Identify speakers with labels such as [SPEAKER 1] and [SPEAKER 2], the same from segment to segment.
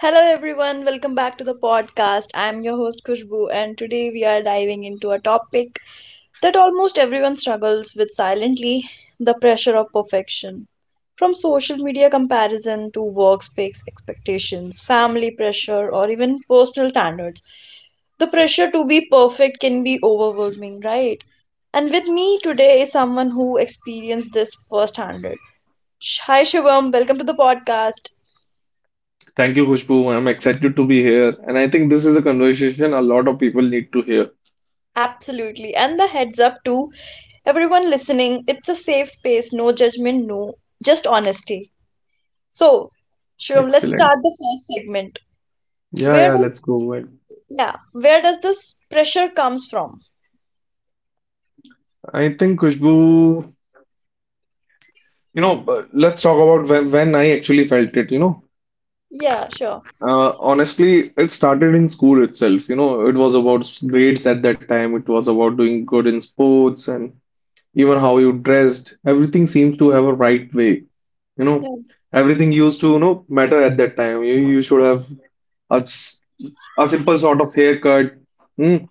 [SPEAKER 1] Hello everyone, welcome back to the podcast. I'm your host Kushbu, and today we are diving into a topic that almost everyone struggles with silently, the pressure of perfection. From social media comparison to workspace expectations, family pressure, or even personal standards, the pressure to be perfect can be overwhelming, right? And with me today is someone who experienced this firsthand. Hi Shivam, welcome to the podcast.
[SPEAKER 2] Thank you, Khushbu. I'm excited to be here. And I think this is a conversation a lot of people need to hear.
[SPEAKER 1] Absolutely. And the heads up to everyone listening, it's a safe space, no judgment, no, just honesty. So, Shriram, let's
[SPEAKER 2] Excellent.
[SPEAKER 1] start the first segment.
[SPEAKER 2] Yeah,
[SPEAKER 1] Where
[SPEAKER 2] yeah, let's
[SPEAKER 1] does
[SPEAKER 2] go ahead.
[SPEAKER 1] Yeah, where does this pressure comes from?
[SPEAKER 2] I think, Khushbu, let's talk about when I actually felt it.
[SPEAKER 1] Yeah, sure.
[SPEAKER 2] Honestly, it started in school itself. You know, it was about grades at that time. It was about doing good in sports and even how you dressed. Everything seemed to have a right way. You know,
[SPEAKER 1] Yeah.
[SPEAKER 2] everything used to matter at that time. You should have a a simple sort of haircut. Mm.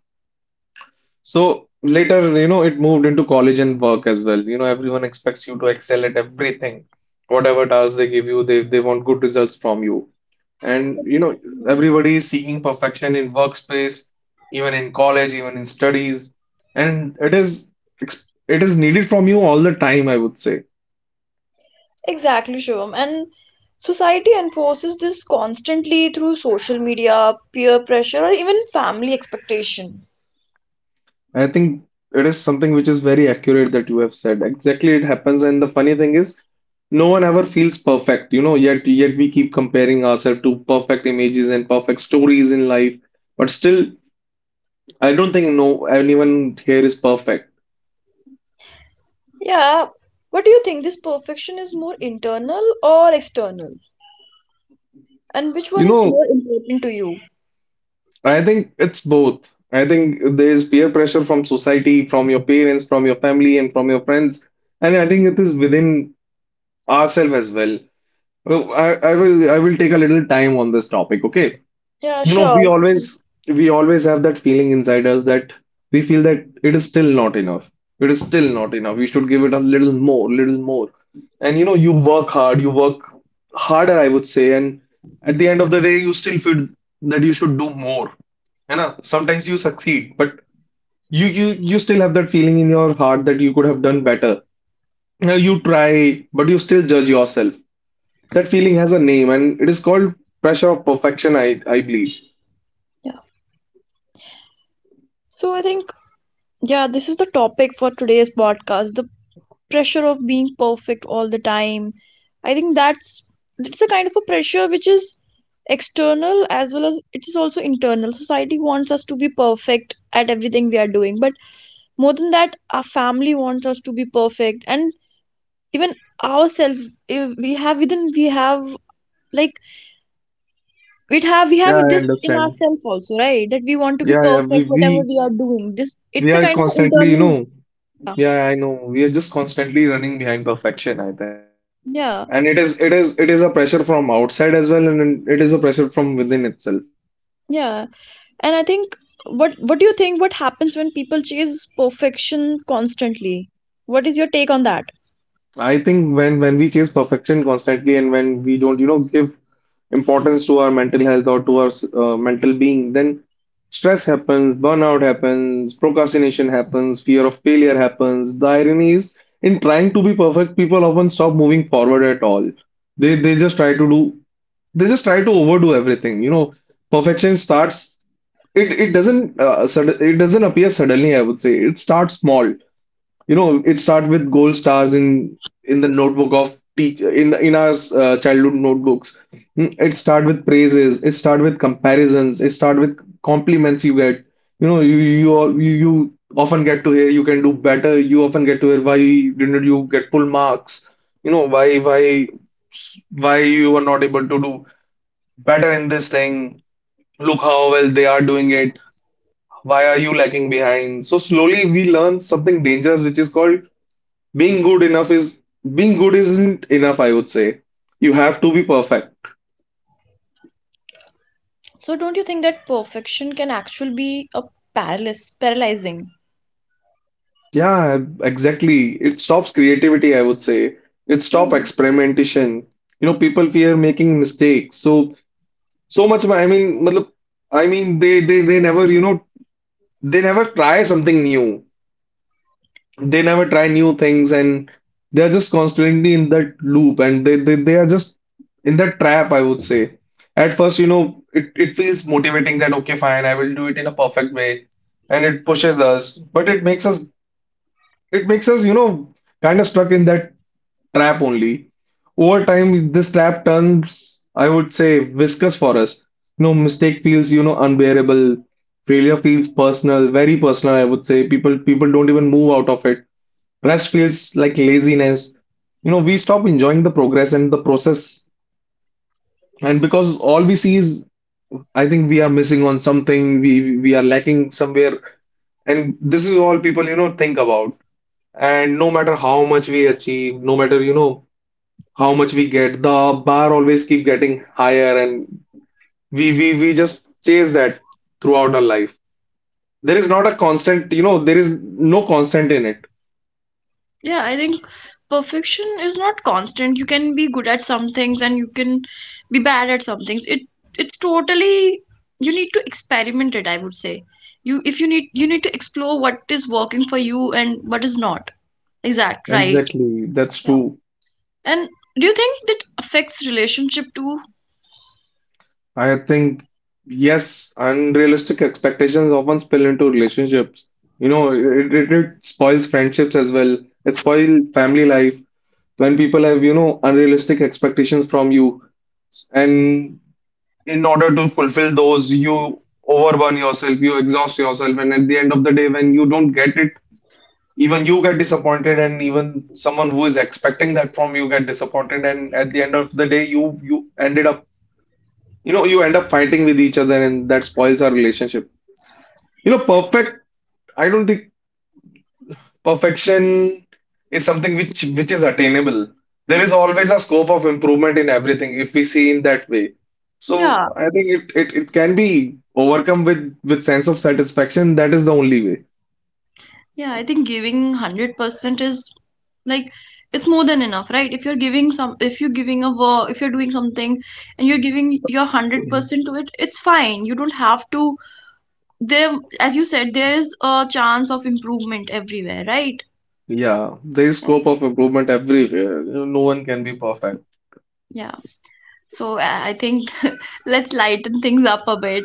[SPEAKER 2] So later, you know, it moved into college and work as well. You know, everyone expects you to excel at everything. Whatever task they give you, they want good results from you. And, you know,
[SPEAKER 1] Yeah.
[SPEAKER 2] everybody is seeking perfection in workspace, even in college, even in studies. And it is needed from you all the time, I would say.
[SPEAKER 1] Exactly, Shivam. And society enforces this constantly through social media, peer pressure, or even family expectation.
[SPEAKER 2] I think it is something which is very accurate that you have said. Exactly, it happens. And the funny thing is, no one ever feels perfect, yet we keep comparing ourselves to perfect images and perfect stories in life. But still, I don't think no anyone here is perfect.
[SPEAKER 1] Yeah. What do you think? This perfection is more internal or external? And which
[SPEAKER 2] You
[SPEAKER 1] one is more
[SPEAKER 2] know,
[SPEAKER 1] important to you?
[SPEAKER 2] I think it's both. I think there is peer pressure from society, from your parents, from your family, and from your friends. And I think it is within ourselves as well. Well, I will I will take a little time on this topic, okay?
[SPEAKER 1] Yeah,
[SPEAKER 2] You know, we
[SPEAKER 1] sure. Please.
[SPEAKER 2] always we always have that feeling inside us that we feel that it is still not enough. It is still not enough. We should give it a little more, little more. And you know, you work hard, you work harder, I would say, and at the end of the day, you still feel that you should do more. You know, sometimes you succeed, but you you you still have that feeling in your heart that you could have done better. Now you try, but you still judge yourself. That feeling has a name, and it is called pressure of perfection, I believe.
[SPEAKER 1] Yeah. So I think, yeah, this is the topic for today's podcast, the pressure of being perfect all the time. I think that's it's a kind of a pressure which is external as well as it is also internal. Society wants us to be perfect at everything we are doing, but more than that, our family wants us to be perfect, and even ourselves, if we have within, we have like, it have, we
[SPEAKER 2] Yeah,
[SPEAKER 1] have
[SPEAKER 2] I
[SPEAKER 1] this in
[SPEAKER 2] understand.
[SPEAKER 1] ourselves also, right? That we want to be
[SPEAKER 2] Yeah, yeah,
[SPEAKER 1] perfect
[SPEAKER 2] we,
[SPEAKER 1] whatever
[SPEAKER 2] we
[SPEAKER 1] we are doing, this
[SPEAKER 2] we
[SPEAKER 1] it's a
[SPEAKER 2] are
[SPEAKER 1] kind of a
[SPEAKER 2] constantly,
[SPEAKER 1] internal. yeah
[SPEAKER 2] yeah, I know. We are just constantly running behind perfection, I think.
[SPEAKER 1] yeah
[SPEAKER 2] And it is a pressure from outside as well, and it is a pressure from within itself.
[SPEAKER 1] yeah. and i think what do you think, what happens when people chase perfection constantly? What is your take on that?
[SPEAKER 2] I think when we chase perfection constantly and when we don't, you know, give importance to our mental health or to our mental being, then stress happens, burnout happens, procrastination happens, fear of failure happens. The irony is, in trying to be perfect, people often stop moving forward at all. They just try to do, they just try to overdo everything. You know, perfection starts. It doesn't sud it doesn't appear suddenly, I would say. It starts small. You know, it started with gold stars in the notebook of teach in our childhood notebooks. It started with praises. It started with comparisons. It started with compliments you get. You know, you al- you often get to hear you can do better. You often get to hear why didn't you get full marks? You know, why you were not able to do better in this thing? Look how well they are doing it, why are you lagging behind? So slowly we learn something dangerous, which is called being good enough is being good isn't enough, I would say. You have to be perfect.
[SPEAKER 1] So don't you think that perfection can actually be a paralysis, paralyzing?
[SPEAKER 2] Yeah, exactly. It stops creativity, I would say. It stops
[SPEAKER 1] Hmm.
[SPEAKER 2] experimentation. You know, people fear making mistakes. So so much, I mean, matlab, I mean they never, you know, they never try something new. They never try new things and they're just constantly in that loop and they are just in that trap, I would say. At first, you know, it feels motivating that okay, fine, I will do it in a perfect way and it pushes us, but it makes us, you know, kind of stuck in that trap only. Over time, this trap turns, I would say, viscous for us. You know, mistake feels, you know, unbearable. Failure feels personal, very personal, I would say. People don't even move out of it. Rest feels like laziness. You know, we stop enjoying the progress and the process. And because all we see is, I think we are missing on something, we are lacking somewhere. And this is all people, you know, think about. And no matter how much we achieve, no matter, you know, how much we get, the bar always keep getting higher and we just chase that throughout our life. There is not a constant, you know, there is no constant in it.
[SPEAKER 1] Yeah, I think perfection is not constant. You can be good at some things and you can be bad at some things. It's totally, you need to experiment it, I would say. You if you need you need to explore what is working for you and what is not. Exact, right.
[SPEAKER 2] Exactly, that's
[SPEAKER 1] Yeah.
[SPEAKER 2] true.
[SPEAKER 1] And do you think that affects relationship too?
[SPEAKER 2] I think, yes, unrealistic expectations often spill into relationships. You know, it spoils friendships as well. It spoils family life when people have, you know, unrealistic expectations from you. And in order to fulfill those, you overburn yourself, you exhaust yourself. And at the end of the day, when you don't get it, even you get disappointed, and even someone who is expecting that from you get disappointed. And at the end of the day, you know you end up fighting with each other, and that spoils our relationship. You know, perfect, I don't think perfection is something which is attainable. There is always a scope of improvement in everything if we see in that way. So
[SPEAKER 1] Yeah.
[SPEAKER 2] I think it can be overcome with sense of satisfaction, that is the only way.
[SPEAKER 1] Yeah, I think giving 100% is like, it's more than enough, right? If you're giving some, if you're giving a work, if you're doing something and you're giving your
[SPEAKER 2] Yes.
[SPEAKER 1] 100% to it, it's fine. You don't have to, there, As you said, there is a chance of improvement everywhere, right?
[SPEAKER 2] Yeah, there is scope of improvement everywhere. You know, no one can be perfect.
[SPEAKER 1] Yeah. So I think let's lighten things up a bit.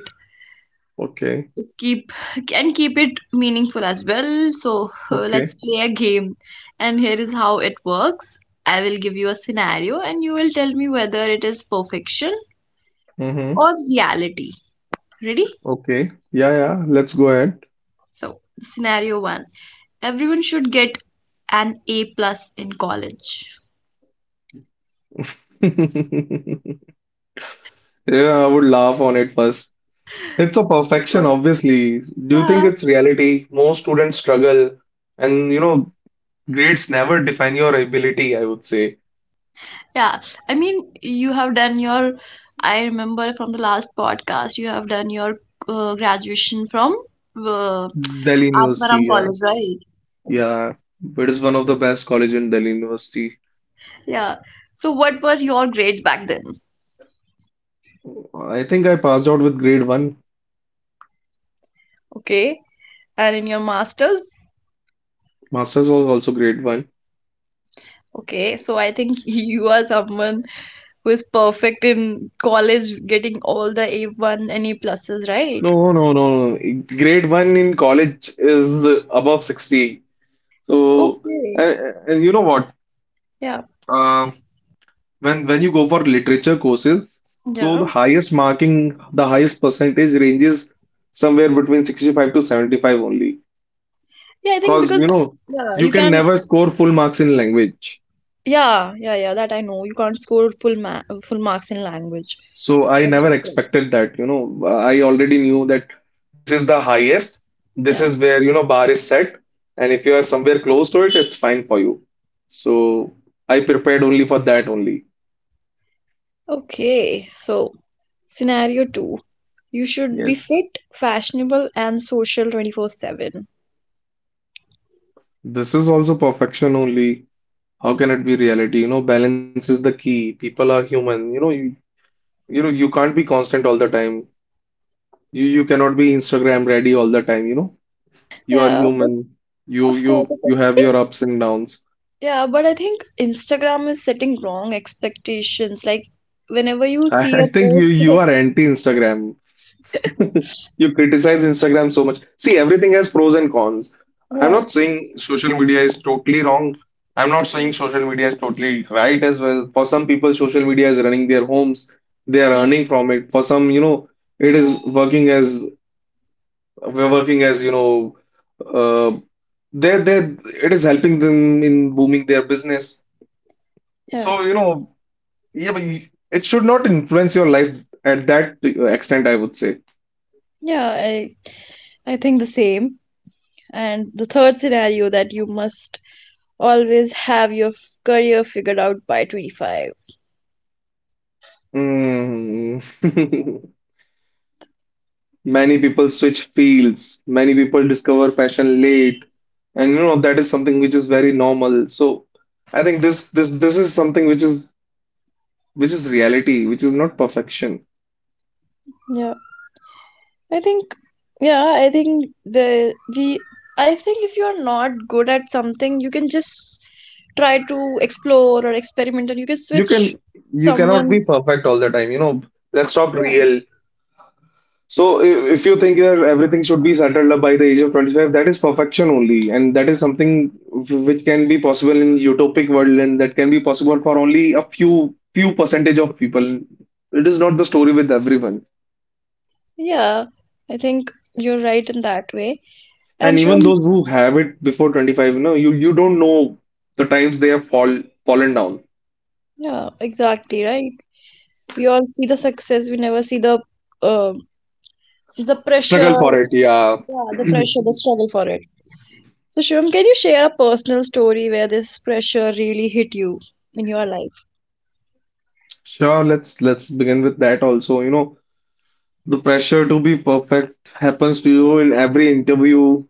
[SPEAKER 2] Okay.
[SPEAKER 1] It's keep and keep it meaningful as well. So
[SPEAKER 2] Okay.
[SPEAKER 1] let's play a game. And here is how it works. I will give you a scenario and you will tell me whether it is perfection
[SPEAKER 2] Mm-hmm.
[SPEAKER 1] or reality. Ready?
[SPEAKER 2] Okay. Yeah, yeah, let's go ahead.
[SPEAKER 1] So scenario one. Everyone should get an A plus in college.
[SPEAKER 2] Yeah, I would laugh on it first. It's a
[SPEAKER 1] Of
[SPEAKER 2] perfection,
[SPEAKER 1] course.
[SPEAKER 2] obviously. Do you
[SPEAKER 1] Yeah.
[SPEAKER 2] think it's reality? Most students struggle, and you know, grades never define your ability, I would say.
[SPEAKER 1] Yeah, I mean, you have done your, I remember from the last podcast, you have done your graduation from uh,
[SPEAKER 2] Delhi University,
[SPEAKER 1] Atmaram
[SPEAKER 2] yeah.
[SPEAKER 1] College, right?
[SPEAKER 2] Yeah, it is one of the
[SPEAKER 1] So,
[SPEAKER 2] best college in Delhi University.
[SPEAKER 1] yeah. So, what were your grades back then?
[SPEAKER 2] I think I passed out with grade one.
[SPEAKER 1] Okay. And in your master's?
[SPEAKER 2] Masters was also grade one.
[SPEAKER 1] Okay. So, I think you are someone who is perfect in college, getting all the A1 and A pluses, right?
[SPEAKER 2] No, no, no. Grade one in college is above 60. So,
[SPEAKER 1] Okay.
[SPEAKER 2] and, and you know what?
[SPEAKER 1] Yeah.
[SPEAKER 2] Uh, when you go for literature courses, so
[SPEAKER 1] Yeah.
[SPEAKER 2] the highest marking, the highest percentage ranges somewhere between 65 to 75 only.
[SPEAKER 1] Yeah, I think
[SPEAKER 2] Because you
[SPEAKER 1] because,
[SPEAKER 2] know,
[SPEAKER 1] yeah,
[SPEAKER 2] you
[SPEAKER 1] you
[SPEAKER 2] can
[SPEAKER 1] can.
[SPEAKER 2] never score full marks in language.
[SPEAKER 1] Yeah, yeah, yeah, that I know. You can't score full marks in language
[SPEAKER 2] So I never
[SPEAKER 1] subjects, right?
[SPEAKER 2] expected that, you know. I already knew that this is the highest, this
[SPEAKER 1] Yeah.
[SPEAKER 2] is where, you know, bar is set, and if you are somewhere close to it, it's fine for you. So I prepared only for that only.
[SPEAKER 1] Okay. So, scenario two. You should be
[SPEAKER 2] Yes.
[SPEAKER 1] fit, fashionable, and social 24/7.
[SPEAKER 2] This is also perfection only. How can it be reality? You know, balance is the key. People are human. You can't be constant all the time. You cannot be Instagram ready all the time, you know. You are
[SPEAKER 1] Yeah, but
[SPEAKER 2] human. You
[SPEAKER 1] of course,
[SPEAKER 2] you
[SPEAKER 1] of
[SPEAKER 2] you
[SPEAKER 1] course. I
[SPEAKER 2] have
[SPEAKER 1] think,
[SPEAKER 2] your ups and downs.
[SPEAKER 1] yeah, but I think Instagram is setting wrong expectations. Like, whenever you
[SPEAKER 2] I,
[SPEAKER 1] see a
[SPEAKER 2] I think you
[SPEAKER 1] post,
[SPEAKER 2] you are anti-Instagram. You criticize Instagram so much. See, everything has pros and cons. I'm
[SPEAKER 1] yeah,
[SPEAKER 2] not saying social media is totally wrong. I'm not saying social media is totally right as well. For some people, social media is running their homes. They are
[SPEAKER 1] yeah,
[SPEAKER 2] earning from it. For some, you know, it is working as we're working as, you know, uh, they're, they're, it is helping them in booming their business.
[SPEAKER 1] yeah,
[SPEAKER 2] So, you know, yeah, but you- it should not influence your life at that extent, I would say.
[SPEAKER 1] yeah, I think the same. And the third scenario, that you must always have your career figured out by 25.
[SPEAKER 2] Mm. Many people switch fields, many people discover passion late, and you know that is something which is very normal. So I think this is something which is reality, which is not perfection.
[SPEAKER 1] Yeah, I think, yeah, I think the we, I think if you are not good at something, you can just try to explore or experiment and you can
[SPEAKER 2] You
[SPEAKER 1] switch
[SPEAKER 2] can you cannot
[SPEAKER 1] someone.
[SPEAKER 2] be perfect all the time, you know. Let's talk
[SPEAKER 1] Yeah.
[SPEAKER 2] real. So if you think that everything should be settled up by the age of 25, that is perfection only, and that is something which can be possible in utopic world, and that can be possible for only a few percentage of people. It is not the story with everyone.
[SPEAKER 1] Yeah, I think you're right in that way.
[SPEAKER 2] And
[SPEAKER 1] And
[SPEAKER 2] even
[SPEAKER 1] Shum,
[SPEAKER 2] those who have it before 25, you know, you don't know the times they have fallen down.
[SPEAKER 1] yeah, exactly right. We all see the success, we never see um the pressure,
[SPEAKER 2] Struggle for it, yeah.
[SPEAKER 1] yeah, the pressure, the struggle for it. So, Shivam, can you share a personal story where this pressure really hit you in your life?
[SPEAKER 2] Sure, let's begin with that also. You know, the pressure to be perfect happens to you in every interview,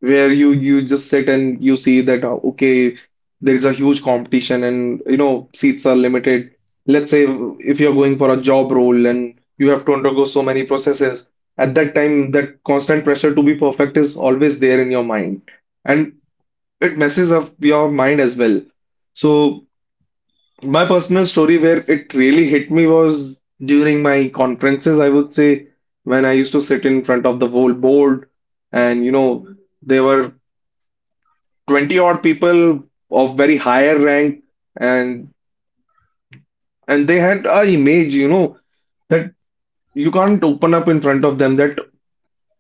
[SPEAKER 2] where you just sit and you see that okay, there is a huge competition and you know seats are limited, let's say if you're going for a job role and you have to undergo so many processes. At that time that constant pressure to be perfect is always there in your mind, and it messes up your mind as well. So my personal story where it really hit me was during my conferences, I would say, when I used to sit in front of the whole board, and you know, they were 20 odd people of very higher rank, and and they had a image, you know, that you can't open up in front of them, that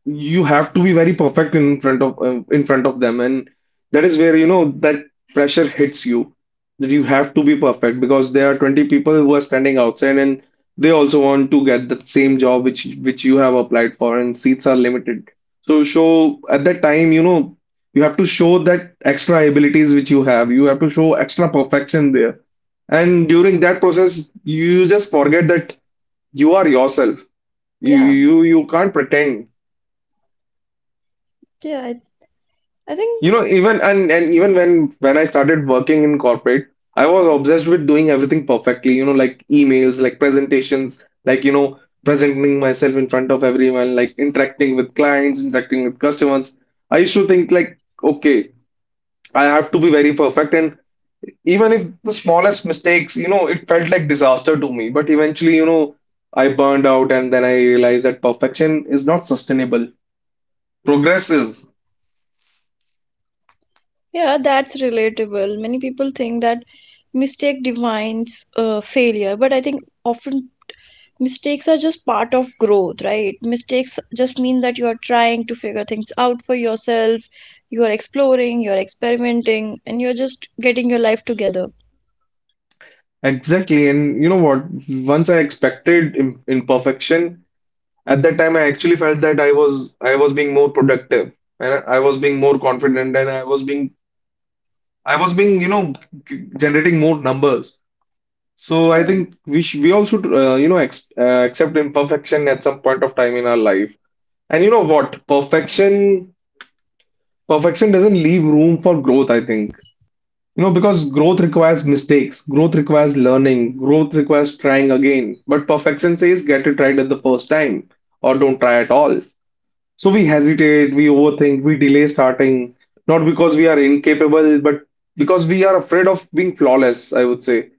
[SPEAKER 2] you have to be very perfect in front of them. And that is where, you know, that pressure hits you, that you have to be perfect because there are 20 people who are standing outside, and they also want to get the same job which you have applied for, and seats are limited. So show at that time, you know, you have to show that extra abilities which you have. You have to show extra perfection there, and during that process you just forget that you are yourself. you
[SPEAKER 1] Yeah,
[SPEAKER 2] you you can't pretend.
[SPEAKER 1] yeah, I
[SPEAKER 2] You
[SPEAKER 1] think
[SPEAKER 2] know, even and even when I started working in corporate, I was
[SPEAKER 1] um,
[SPEAKER 2] obsessed with doing everything perfectly, you know, like emails, like presentations, like you know, presenting myself in front of everyone, like interacting with clients, interacting with customers. I used to think like, okay, I have to be very perfect, and even if the smallest mistakes, you know, it felt like disaster to me. But eventually, you know, I burned out, and then I realized that perfection is not sustainable. Progress is.
[SPEAKER 1] yeah, that's relatable. Many people think that mistake defines failure, but I think often mistakes are just part of growth, right? Mistakes just mean that you are trying to figure things out for yourself, you are exploring, you are experimenting, and you're just getting your life together.
[SPEAKER 2] Exactly. And you know what? Once I expected im imperfection, at that time I actually felt that I was being more productive, and I was being more confident, and I was being, you know, generating more numbers. So I
[SPEAKER 1] Oh,
[SPEAKER 2] think we all should you know ex accept imperfection at some point of time in our life. And you know what? Perfection doesn't leave room for growth, I think. You know, because growth requires mistakes, growth requires learning, growth requires trying again. But perfection says get it right at the first time or don't try at all. So we hesitate, we overthink, we delay starting, not because we are incapable, but because we are afraid of being flawless, I would say.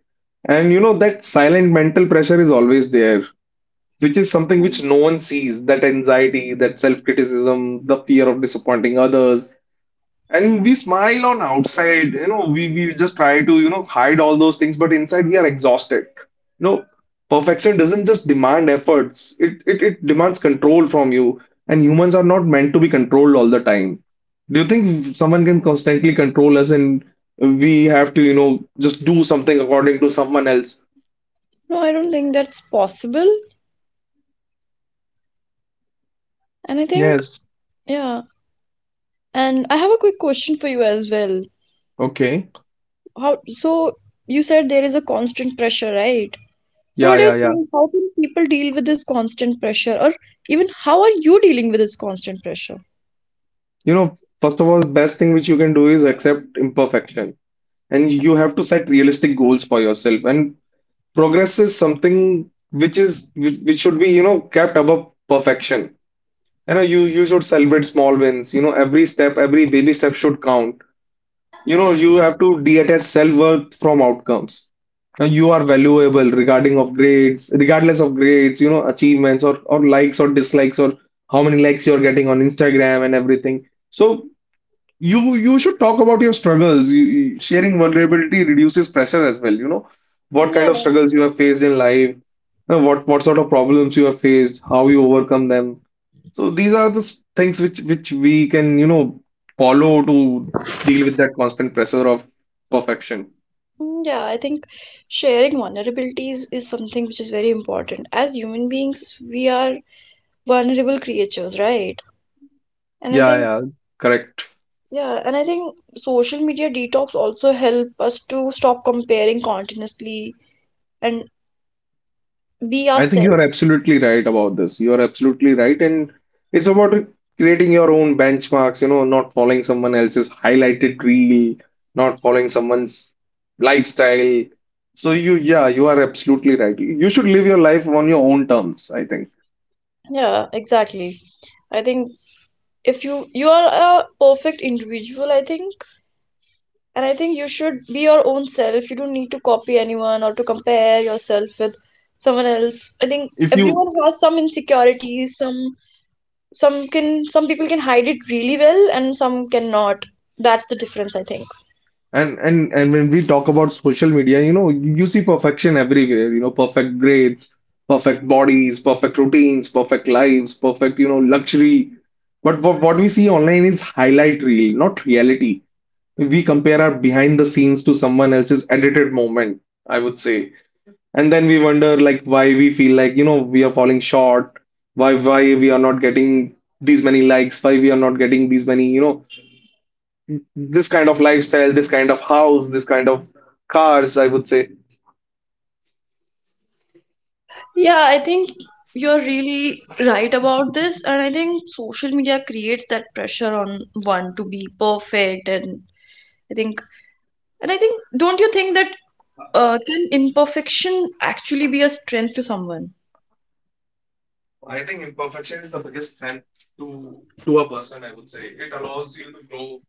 [SPEAKER 2] And you know, that silent mental pressure is always there, which is something which
[SPEAKER 1] um,
[SPEAKER 2] no one sees, that anxiety, that self-criticism, the fear of disappointing others. And we smile on outside, you know, we, just try to, you know, hide all those things, but inside we are exhausted. You know, perfection doesn't just demand efforts, it demands control from you. And humans are not meant to be controlled all the time. Do you think someone can constantly control us, and we have to, you know, just do something according to someone else?
[SPEAKER 1] no, I don't think that's possible. And I think,
[SPEAKER 2] Yes.
[SPEAKER 1] yeah. And I have a quick question for you as well.
[SPEAKER 2] Okay.
[SPEAKER 1] How, so you said there is a constant pressure, right? So what
[SPEAKER 2] Yeah,
[SPEAKER 1] do
[SPEAKER 2] yeah,
[SPEAKER 1] you
[SPEAKER 2] yeah.
[SPEAKER 1] think? How can people deal with this constant pressure? Or even how are you dealing with this constant pressure?
[SPEAKER 2] You know, first of all, best thing which you can do is accept imperfection. And
[SPEAKER 1] Yeah.
[SPEAKER 2] you have to set realistic goals for yourself. And progress is something which is which should be you know kept above perfection. You know, you should celebrate small wins, you know, every step, every baby step should count. You know, you have to detach self-worth from outcomes. Now you are valuable regarding of grades regardless of grades, you know, achievements, or likes or dislikes, or how many likes you're getting on Instagram and everything. So you should talk about your struggles. You, sharing vulnerability reduces pressure as well. You know what kind
[SPEAKER 1] Yeah,
[SPEAKER 2] of struggles you have faced in life, you know, what sort of problems you have faced, how you overcome them. So these are the things which we can, you know, follow to deal with that constant pressure of perfection.
[SPEAKER 1] yeah, I think sharing vulnerabilities is something which is very important. As human beings, we are vulnerable creatures, right? And I
[SPEAKER 2] Yeah,
[SPEAKER 1] think,
[SPEAKER 2] yeah, correct.
[SPEAKER 1] yeah, and I think social media detox also help us to stop comparing continuously and be
[SPEAKER 2] I think you are
[SPEAKER 1] ourselves.
[SPEAKER 2] absolutely right about this. You are absolutely right. And it's about creating your own benchmarks, you know, not following someone else's highlighted reel, not following someone's lifestyle. So you, yeah, you are absolutely right. You should live your life on your own terms, I think.
[SPEAKER 1] Yeah, exactly. I think if you are a perfect individual, I think, and I think you should be your own self. You don't need to copy anyone or to compare yourself with someone else. I think
[SPEAKER 2] If
[SPEAKER 1] everyone
[SPEAKER 2] you,
[SPEAKER 1] has some insecurities, some can, some people can hide it really well and some cannot. That's the difference, I think.
[SPEAKER 2] And when we talk about social media, you know, you see perfection everywhere, you know, perfect grades, perfect bodies, perfect routines, perfect lives, perfect, you know, luxury. But what we see online is highlight reel, not reality. We compare our behind the scenes to someone else's edited moment, I would say. And then we wonder like why we feel like, you know, we are falling short, why we are not getting these many likes, why we are not getting these many, you know, this kind of lifestyle, this kind of house, this kind of cars, I would say.
[SPEAKER 1] Yeah, I think you're really right about this, and I think social media creates that pressure on one to be perfect, and I think And I think, don't you think that can imperfection actually be a strength to someone?
[SPEAKER 2] I think imperfection is the biggest strength to a person, I would say. It allows you to grow.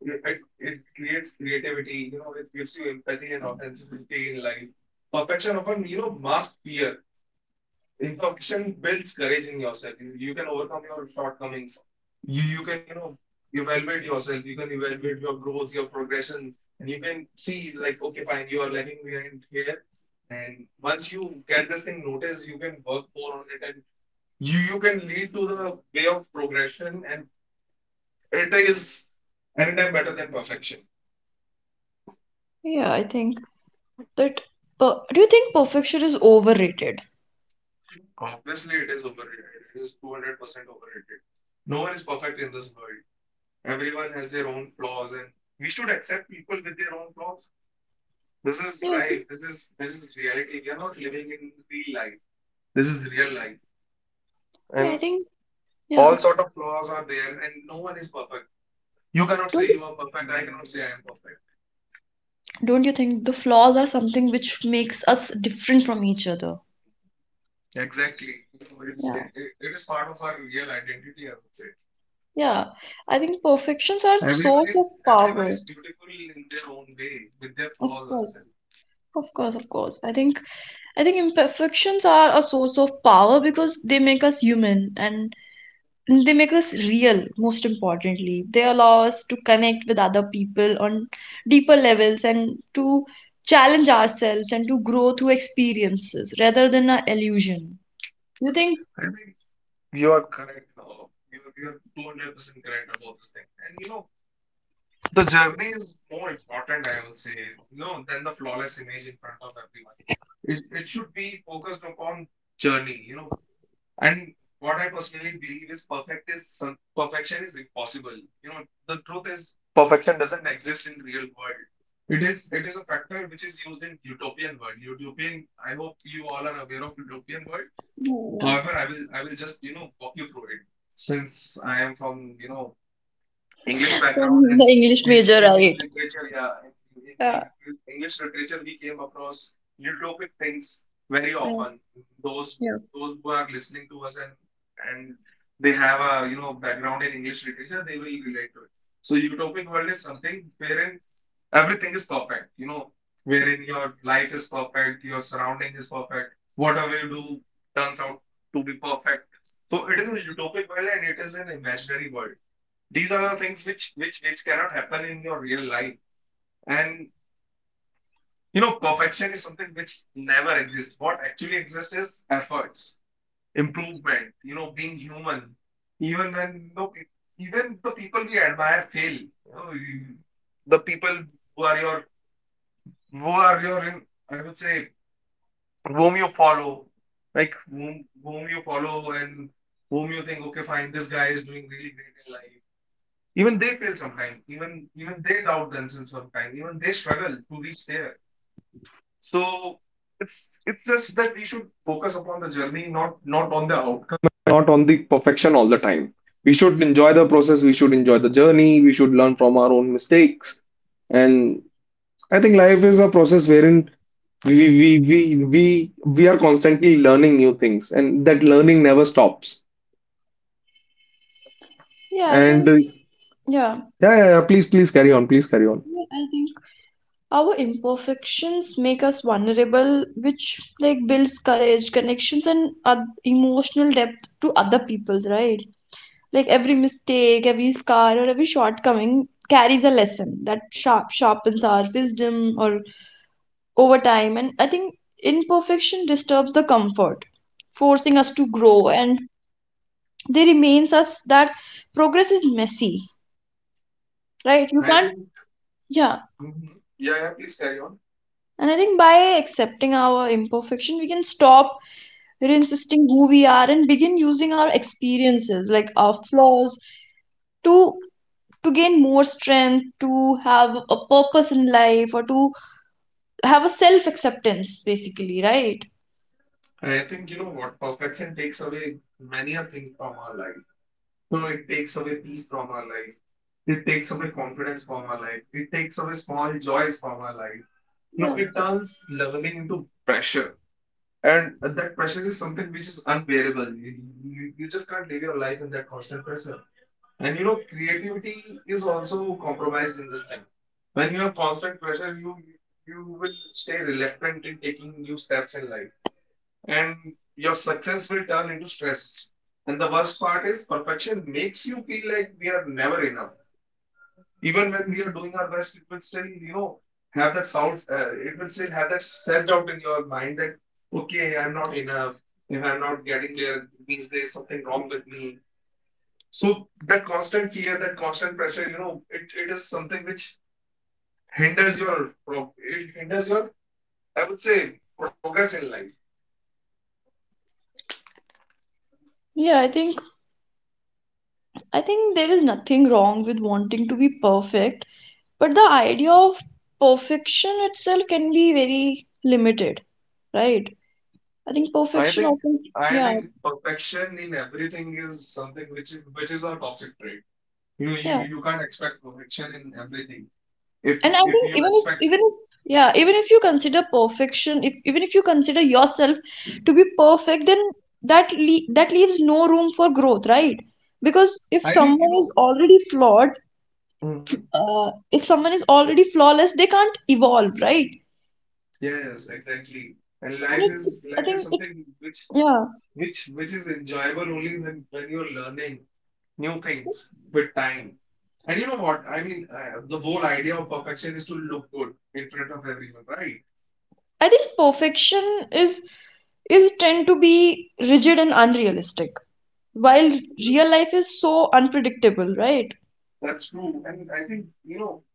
[SPEAKER 2] It creates creativity, you know, it gives you empathy and authenticity in life. Perfection often, you know, masks fear. Introspection builds courage in yourself. You can overcome your shortcomings. You can, you know, evaluate yourself. You can evaluate your growth, your progression, and you can see like okay, fine, you are lagging behind here. And once you get this thing noticed, you can work more on it, and you can lead to the way of progression. And it is anytime better than perfection.
[SPEAKER 1] Yeah, I think that. Do you think perfection is overrated?
[SPEAKER 2] Obviously, it is overrated. It is 200% overrated. No one is perfect in this world. Everyone has their own flaws, and we should accept people with their own flaws. This is
[SPEAKER 1] Yeah, I think.
[SPEAKER 2] life. This is reality. We are not living in real life. This is real life,
[SPEAKER 1] Yeah, I
[SPEAKER 2] and
[SPEAKER 1] think. Yeah.
[SPEAKER 2] all sort of flaws are there, and no one is perfect. You cannot
[SPEAKER 1] Don't
[SPEAKER 2] say
[SPEAKER 1] you,
[SPEAKER 2] you are perfect. I cannot say I am perfect.
[SPEAKER 1] don't you think the flaws are something which makes us different from each other?
[SPEAKER 2] Exactly. So it's,
[SPEAKER 1] Yeah.
[SPEAKER 2] it is part of our real identity, I would say.
[SPEAKER 1] Yeah. I think perfections are source of
[SPEAKER 2] Everyone
[SPEAKER 1] power.
[SPEAKER 2] is beautiful in their own way with their
[SPEAKER 1] Of
[SPEAKER 2] flaws as
[SPEAKER 1] course.
[SPEAKER 2] well.
[SPEAKER 1] Of course. Of course. I think. I think imperfections are a source of power because they make us human, and they make us real. Most importantly, they allow us to connect with other people on deeper levels, and to challenge ourselves, and to grow through experiences rather than an illusion, you think.
[SPEAKER 2] I think you are correct. You are 200% correct about this thing. And you know, the journey is more important, I would say, you know, than the flawless image in front of everyone. It should be focused upon journey, you know. And what I personally believe is perfection is impossible. You know, the truth is perfection doesn't exist in real world. It is a factor which is used in utopian world. Utopian, I hope you all are aware of utopian world.
[SPEAKER 1] Yeah.
[SPEAKER 2] However, I will just you know walk you through it, since I am from you know English
[SPEAKER 1] From
[SPEAKER 2] background,
[SPEAKER 1] the
[SPEAKER 2] and
[SPEAKER 1] English
[SPEAKER 2] in,
[SPEAKER 1] major,
[SPEAKER 2] in
[SPEAKER 1] right?
[SPEAKER 2] literature, yeah,
[SPEAKER 1] Yeah,
[SPEAKER 2] English literature, we came across utopic things very
[SPEAKER 1] yeah.
[SPEAKER 2] often.
[SPEAKER 1] Yeah.
[SPEAKER 2] Those who are listening to us, and they have a you know background in English literature, they will relate to it. So utopic world is something wherein everything is perfect, you know, wherein your life is perfect, your surrounding is perfect, whatever you do turns out to be perfect. So it is a utopic world and it is an imaginary world. These are the things which cannot happen in your real life. And you know perfection is something which never exists. What actually exists is efforts, improvement, you know, being human. Even when you know, even the people we admire fail, you know, you- the people who are your who are your I would say whom you follow, like whom you follow, and whom you think okay fine this guy is doing really great in life. Even they fail sometimes. Even they doubt themselves sometimes. Even they struggle to reach there. So it's just that we should focus upon the journey, not on the outcome, not on the perfection all the time. We should enjoy the process. We should enjoy the journey. We should learn from our own mistakes. And I think life is a process wherein we are constantly learning new things, and that learning never stops.
[SPEAKER 1] yeah i
[SPEAKER 2] And
[SPEAKER 1] think yeah
[SPEAKER 2] yeah, please carry on. Please carry on.
[SPEAKER 1] yeah, I think our imperfections make us vulnerable, which like builds courage, connections, and emotional depth to other people's, right? Like every mistake, every scar, or every shortcoming carries a lesson that sharpens our wisdom or over time. And I think imperfection disturbs the comfort, forcing us to grow. And they remains us that progress is messy, right? You
[SPEAKER 2] I
[SPEAKER 1] can't,
[SPEAKER 2] think.
[SPEAKER 1] yeah.
[SPEAKER 2] Mhm. Yeah, yeah, please carry on.
[SPEAKER 1] And I think by accepting our imperfection, we can stop insisting who we are and begin using our experiences, like our flaws, to to gain more strength, to have a purpose in life, or to have a self acceptance, basically, right?
[SPEAKER 2] I think you know what? Perfection takes away many a thing from our life. So it takes away peace from our life. It takes away confidence from our life. It takes away small joys from our life. No,
[SPEAKER 1] Yeah.
[SPEAKER 2] it turns leveling into pressure. And that pressure is something which is unbearable. You just can't live your life in that constant pressure. And you know, creativity is also compromised in this thing. When you have constant pressure, you will stay reluctant in taking new steps in life, and your success will turn into stress. And the worst part is perfection makes you feel like we are never enough. Even when we are doing our best, it will still, you know, have that it will still have that self-doubt in your mind that, okay, I'm not enough. If I'm not getting there, it means there's something wrong with me. So that constant fear, that constant pressure, you know, it is something which hinders it hinders your, I would say, progress in life.
[SPEAKER 1] Yeah, I think. There is nothing wrong with wanting to be perfect, but the idea of perfection itself can be very limited, right? I think
[SPEAKER 2] I
[SPEAKER 1] perfection
[SPEAKER 2] think
[SPEAKER 1] often,
[SPEAKER 2] I
[SPEAKER 1] yeah,
[SPEAKER 2] think perfection in everything is something which is a toxic trait. You know, you
[SPEAKER 1] yeah.
[SPEAKER 2] you can't expect perfection in everything. If
[SPEAKER 1] and I
[SPEAKER 2] if
[SPEAKER 1] think
[SPEAKER 2] you expect,
[SPEAKER 1] even if yeah, even if you consider perfection, if you consider yourself to be perfect, then that leaves no room for growth, right? Because if
[SPEAKER 2] I think you
[SPEAKER 1] someone is
[SPEAKER 2] know.
[SPEAKER 1] already flawed,
[SPEAKER 2] hmm
[SPEAKER 1] if someone is already flawless, they can't evolve, right?
[SPEAKER 2] Yes, exactly. And life
[SPEAKER 1] Like,
[SPEAKER 2] is
[SPEAKER 1] I
[SPEAKER 2] life is
[SPEAKER 1] think it
[SPEAKER 2] something which
[SPEAKER 1] yeah,
[SPEAKER 2] which is enjoyable only when you're learning new things with time. And you know what? I mean, the whole idea of perfection is to look good in front of everyone, right?
[SPEAKER 1] I think perfection is is tend to be rigid and unrealistic, while real life is so unpredictable, right?
[SPEAKER 2] That's true. And I think, you know,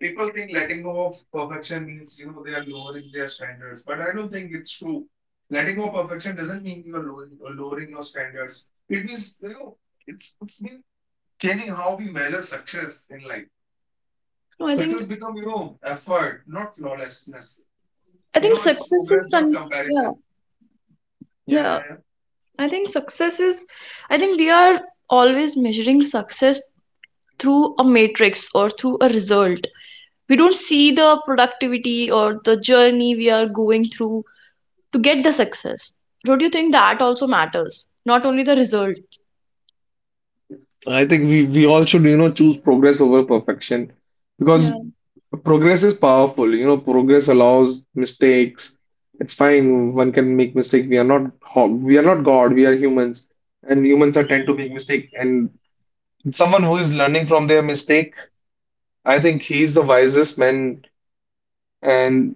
[SPEAKER 2] people think letting go of perfection means, you know, they are lowering their standards, but I don't think it's true. Letting go of perfection doesn't mean you're lowering, or lowering your standards. It means, you know, it's been changing how we measure success in life.
[SPEAKER 1] no I think
[SPEAKER 2] Success become, you know, effort, not flawlessness.
[SPEAKER 1] I
[SPEAKER 2] You
[SPEAKER 1] think
[SPEAKER 2] know, it's
[SPEAKER 1] success is
[SPEAKER 2] progress,
[SPEAKER 1] some,
[SPEAKER 2] not
[SPEAKER 1] yeah,
[SPEAKER 2] comparison. Yeah,
[SPEAKER 1] yeah.
[SPEAKER 2] yeah, yeah.
[SPEAKER 1] I think success is, I think we are always measuring success through a matrix or through a result. We don't see the productivity or the journey we are going through to get the success. Don't you think that also matters? Not only the result.
[SPEAKER 2] I think we all should, you know, choose progress over perfection because
[SPEAKER 1] Yeah,
[SPEAKER 2] progress is powerful. You know, progress allows mistakes. It's fine. One can make mistake. We are not ho- we are not God. We are humans, and humans are tend to make mistake. And someone who is learning from their mistake, I think he's the wisest man. And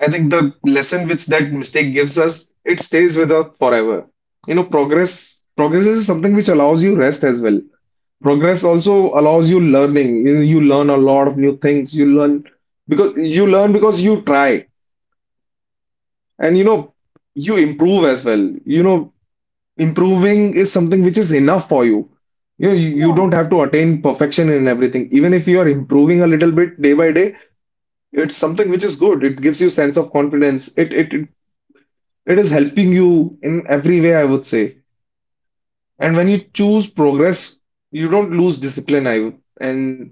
[SPEAKER 2] I think the lesson which that mistake gives us, it stays with us forever. You know, progress is something which allows you rest as well. Progress also allows you learning. You learn a lot of new things. You learn because you try, and you know you improve as well. You know, improving is something which is enough for you. You know, you
[SPEAKER 1] yeah,
[SPEAKER 2] don't have to attain perfection in everything. Even if you are improving a little bit day by day, it's something which is good. It gives you sense of confidence. It is helping you in every way, I would say. And when you choose progress, you don't lose discipline, I would. And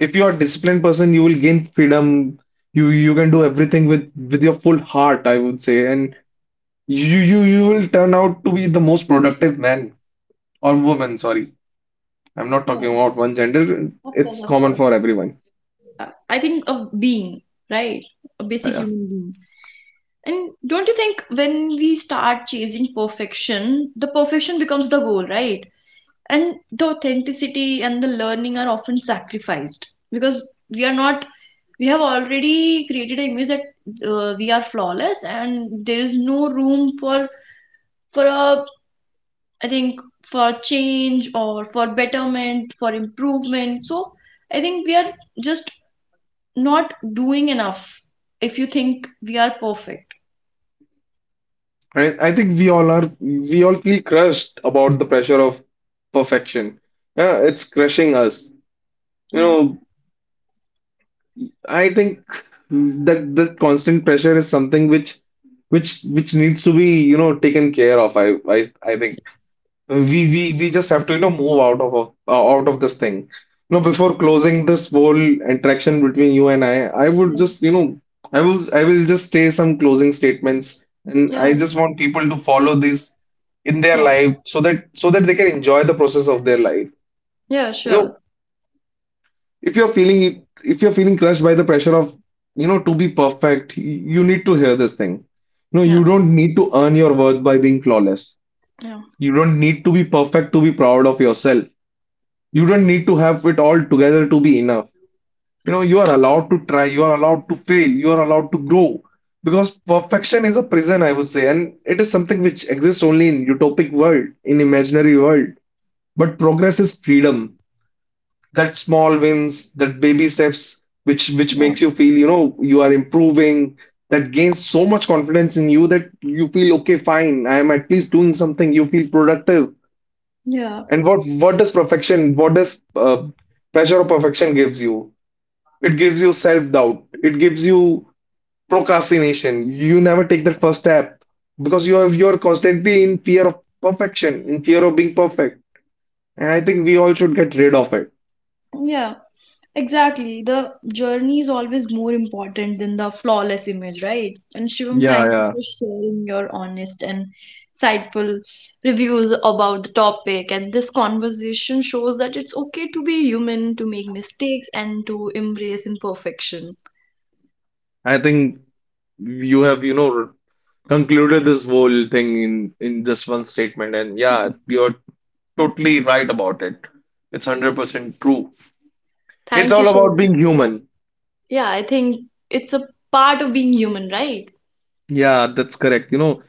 [SPEAKER 2] if you're a disciplined person, you will gain freedom. You can do everything with your full heart, I would say. And you will turn out to be the most productive man or woman, sorry, I'm not talking
[SPEAKER 1] yeah.
[SPEAKER 2] about one gender,
[SPEAKER 1] Of course,
[SPEAKER 2] it's
[SPEAKER 1] of
[SPEAKER 2] common
[SPEAKER 1] course.
[SPEAKER 2] for everyone.
[SPEAKER 1] I think a being, right? A
[SPEAKER 2] Yeah, yeah,
[SPEAKER 1] basic
[SPEAKER 2] yeah.
[SPEAKER 1] human being. And don't you think when we start chasing perfection, the perfection becomes the goal, right? And the authenticity and the learning are often sacrificed because we are not we have already created an image that we are flawless, and there is no room for a I think for change, or for betterment, for improvement. So I think we are just not doing enough if you think we are perfect.
[SPEAKER 2] Right. I think we all are, we all feel crushed about the pressure of perfection. Yeah, it's crushing us, you
[SPEAKER 1] Yeah,
[SPEAKER 2] know. I think that constant pressure is something which which needs to be, you know, taken care of. I think we we just have to, you know, move out of out of this thing. You know, before closing this whole interaction between you and I would
[SPEAKER 1] yeah,
[SPEAKER 2] just you know I will just say some closing statements, and I
[SPEAKER 1] yeah,
[SPEAKER 2] just want people to follow this in their
[SPEAKER 1] yeah,
[SPEAKER 2] life so that so that they can enjoy the process of their life.
[SPEAKER 1] yeah,
[SPEAKER 2] You know,
[SPEAKER 1] sure,
[SPEAKER 2] if you're feeling it- if you're feeling crushed by the pressure of, you know, to be perfect, you need to hear this thing. No, you
[SPEAKER 1] yeah,
[SPEAKER 2] don't need to earn your worth by being flawless.
[SPEAKER 1] yeah,
[SPEAKER 2] You don't need to be perfect to be proud of yourself. You don't need to have it all together to be enough. You know, you are allowed to try, you are allowed to fail, you are allowed to grow, because perfection is a prison, I would say, and it is something which exists only in utopic world, in imaginary world. But progress is freedom. That small wins, that baby steps, which
[SPEAKER 1] yeah,
[SPEAKER 2] makes you feel, you know, you are improving, that gains so much confidence in you that you feel, okay, fine, I am at least doing something. You feel productive.
[SPEAKER 1] yeah,
[SPEAKER 2] And what does perfection, what does pressure of perfection gives you? It gives you self-doubt. It gives you procrastination. You never take that first step because you're constantly in fear of perfection, in fear of being perfect. And I think we all should get rid of it.
[SPEAKER 1] yeah. Exactly. The journey is always more important than the flawless image, right? And Shivam,
[SPEAKER 2] Yeah,
[SPEAKER 1] thank you
[SPEAKER 2] yeah.
[SPEAKER 1] for sharing your honest and insightful reviews about the topic. And this conversation shows that it's okay to be human, to make mistakes, and to embrace imperfection.
[SPEAKER 2] I think you have, you know, concluded this whole thing in just one statement, and yeah, you're totally right about it. It's 100% true. It's
[SPEAKER 1] Thank you,
[SPEAKER 2] all about
[SPEAKER 1] Shivam.
[SPEAKER 2] being
[SPEAKER 1] Yeah.
[SPEAKER 2] human.
[SPEAKER 1] Yeah, I think it's a part of being human, right?
[SPEAKER 2] Yeah, that's correct. You know,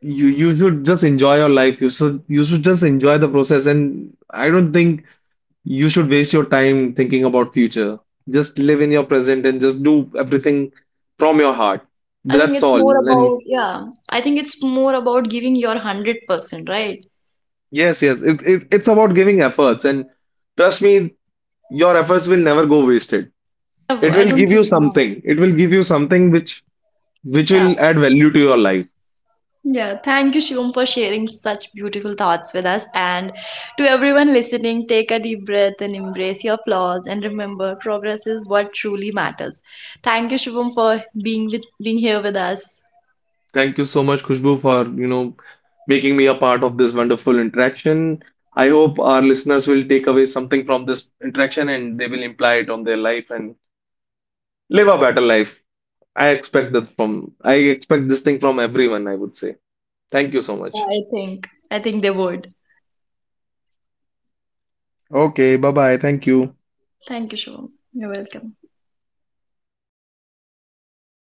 [SPEAKER 2] you should just enjoy your life. You should just enjoy the process, and I don't think you should waste your time thinking about future. Just live in your present and just do everything from your heart.
[SPEAKER 1] I think
[SPEAKER 2] That's
[SPEAKER 1] it's more
[SPEAKER 2] all. And
[SPEAKER 1] about, yeah, I think it's more about giving your 100%, right?
[SPEAKER 2] yes, yes. It's about giving efforts, and trust me, your efforts will never go wasted.
[SPEAKER 1] Yeah,
[SPEAKER 2] It
[SPEAKER 1] I
[SPEAKER 2] will
[SPEAKER 1] don't
[SPEAKER 2] give
[SPEAKER 1] think,
[SPEAKER 2] you
[SPEAKER 1] yeah.
[SPEAKER 2] something. It will give you something which
[SPEAKER 1] Yeah,
[SPEAKER 2] will add value to your life.
[SPEAKER 1] yeah, thank you, Shivam, for sharing such beautiful thoughts with us. And to everyone listening, take a deep breath and embrace your flaws. And remember, progress is what truly matters. Thank you, Shivam, for being with being here with us.
[SPEAKER 2] Thank you so much, Khushbu, for you know making me a part of this wonderful interaction. I hope our listeners will take away something from this interaction and they will imply it on their life and live a better life. I expect that from I expect this thing from everyone, I would say. Thank you so
[SPEAKER 1] Yeah,
[SPEAKER 2] much.
[SPEAKER 1] I think they would.
[SPEAKER 2] Okay, bye bye. Thank you.
[SPEAKER 1] Thank you, Shivam. You're welcome.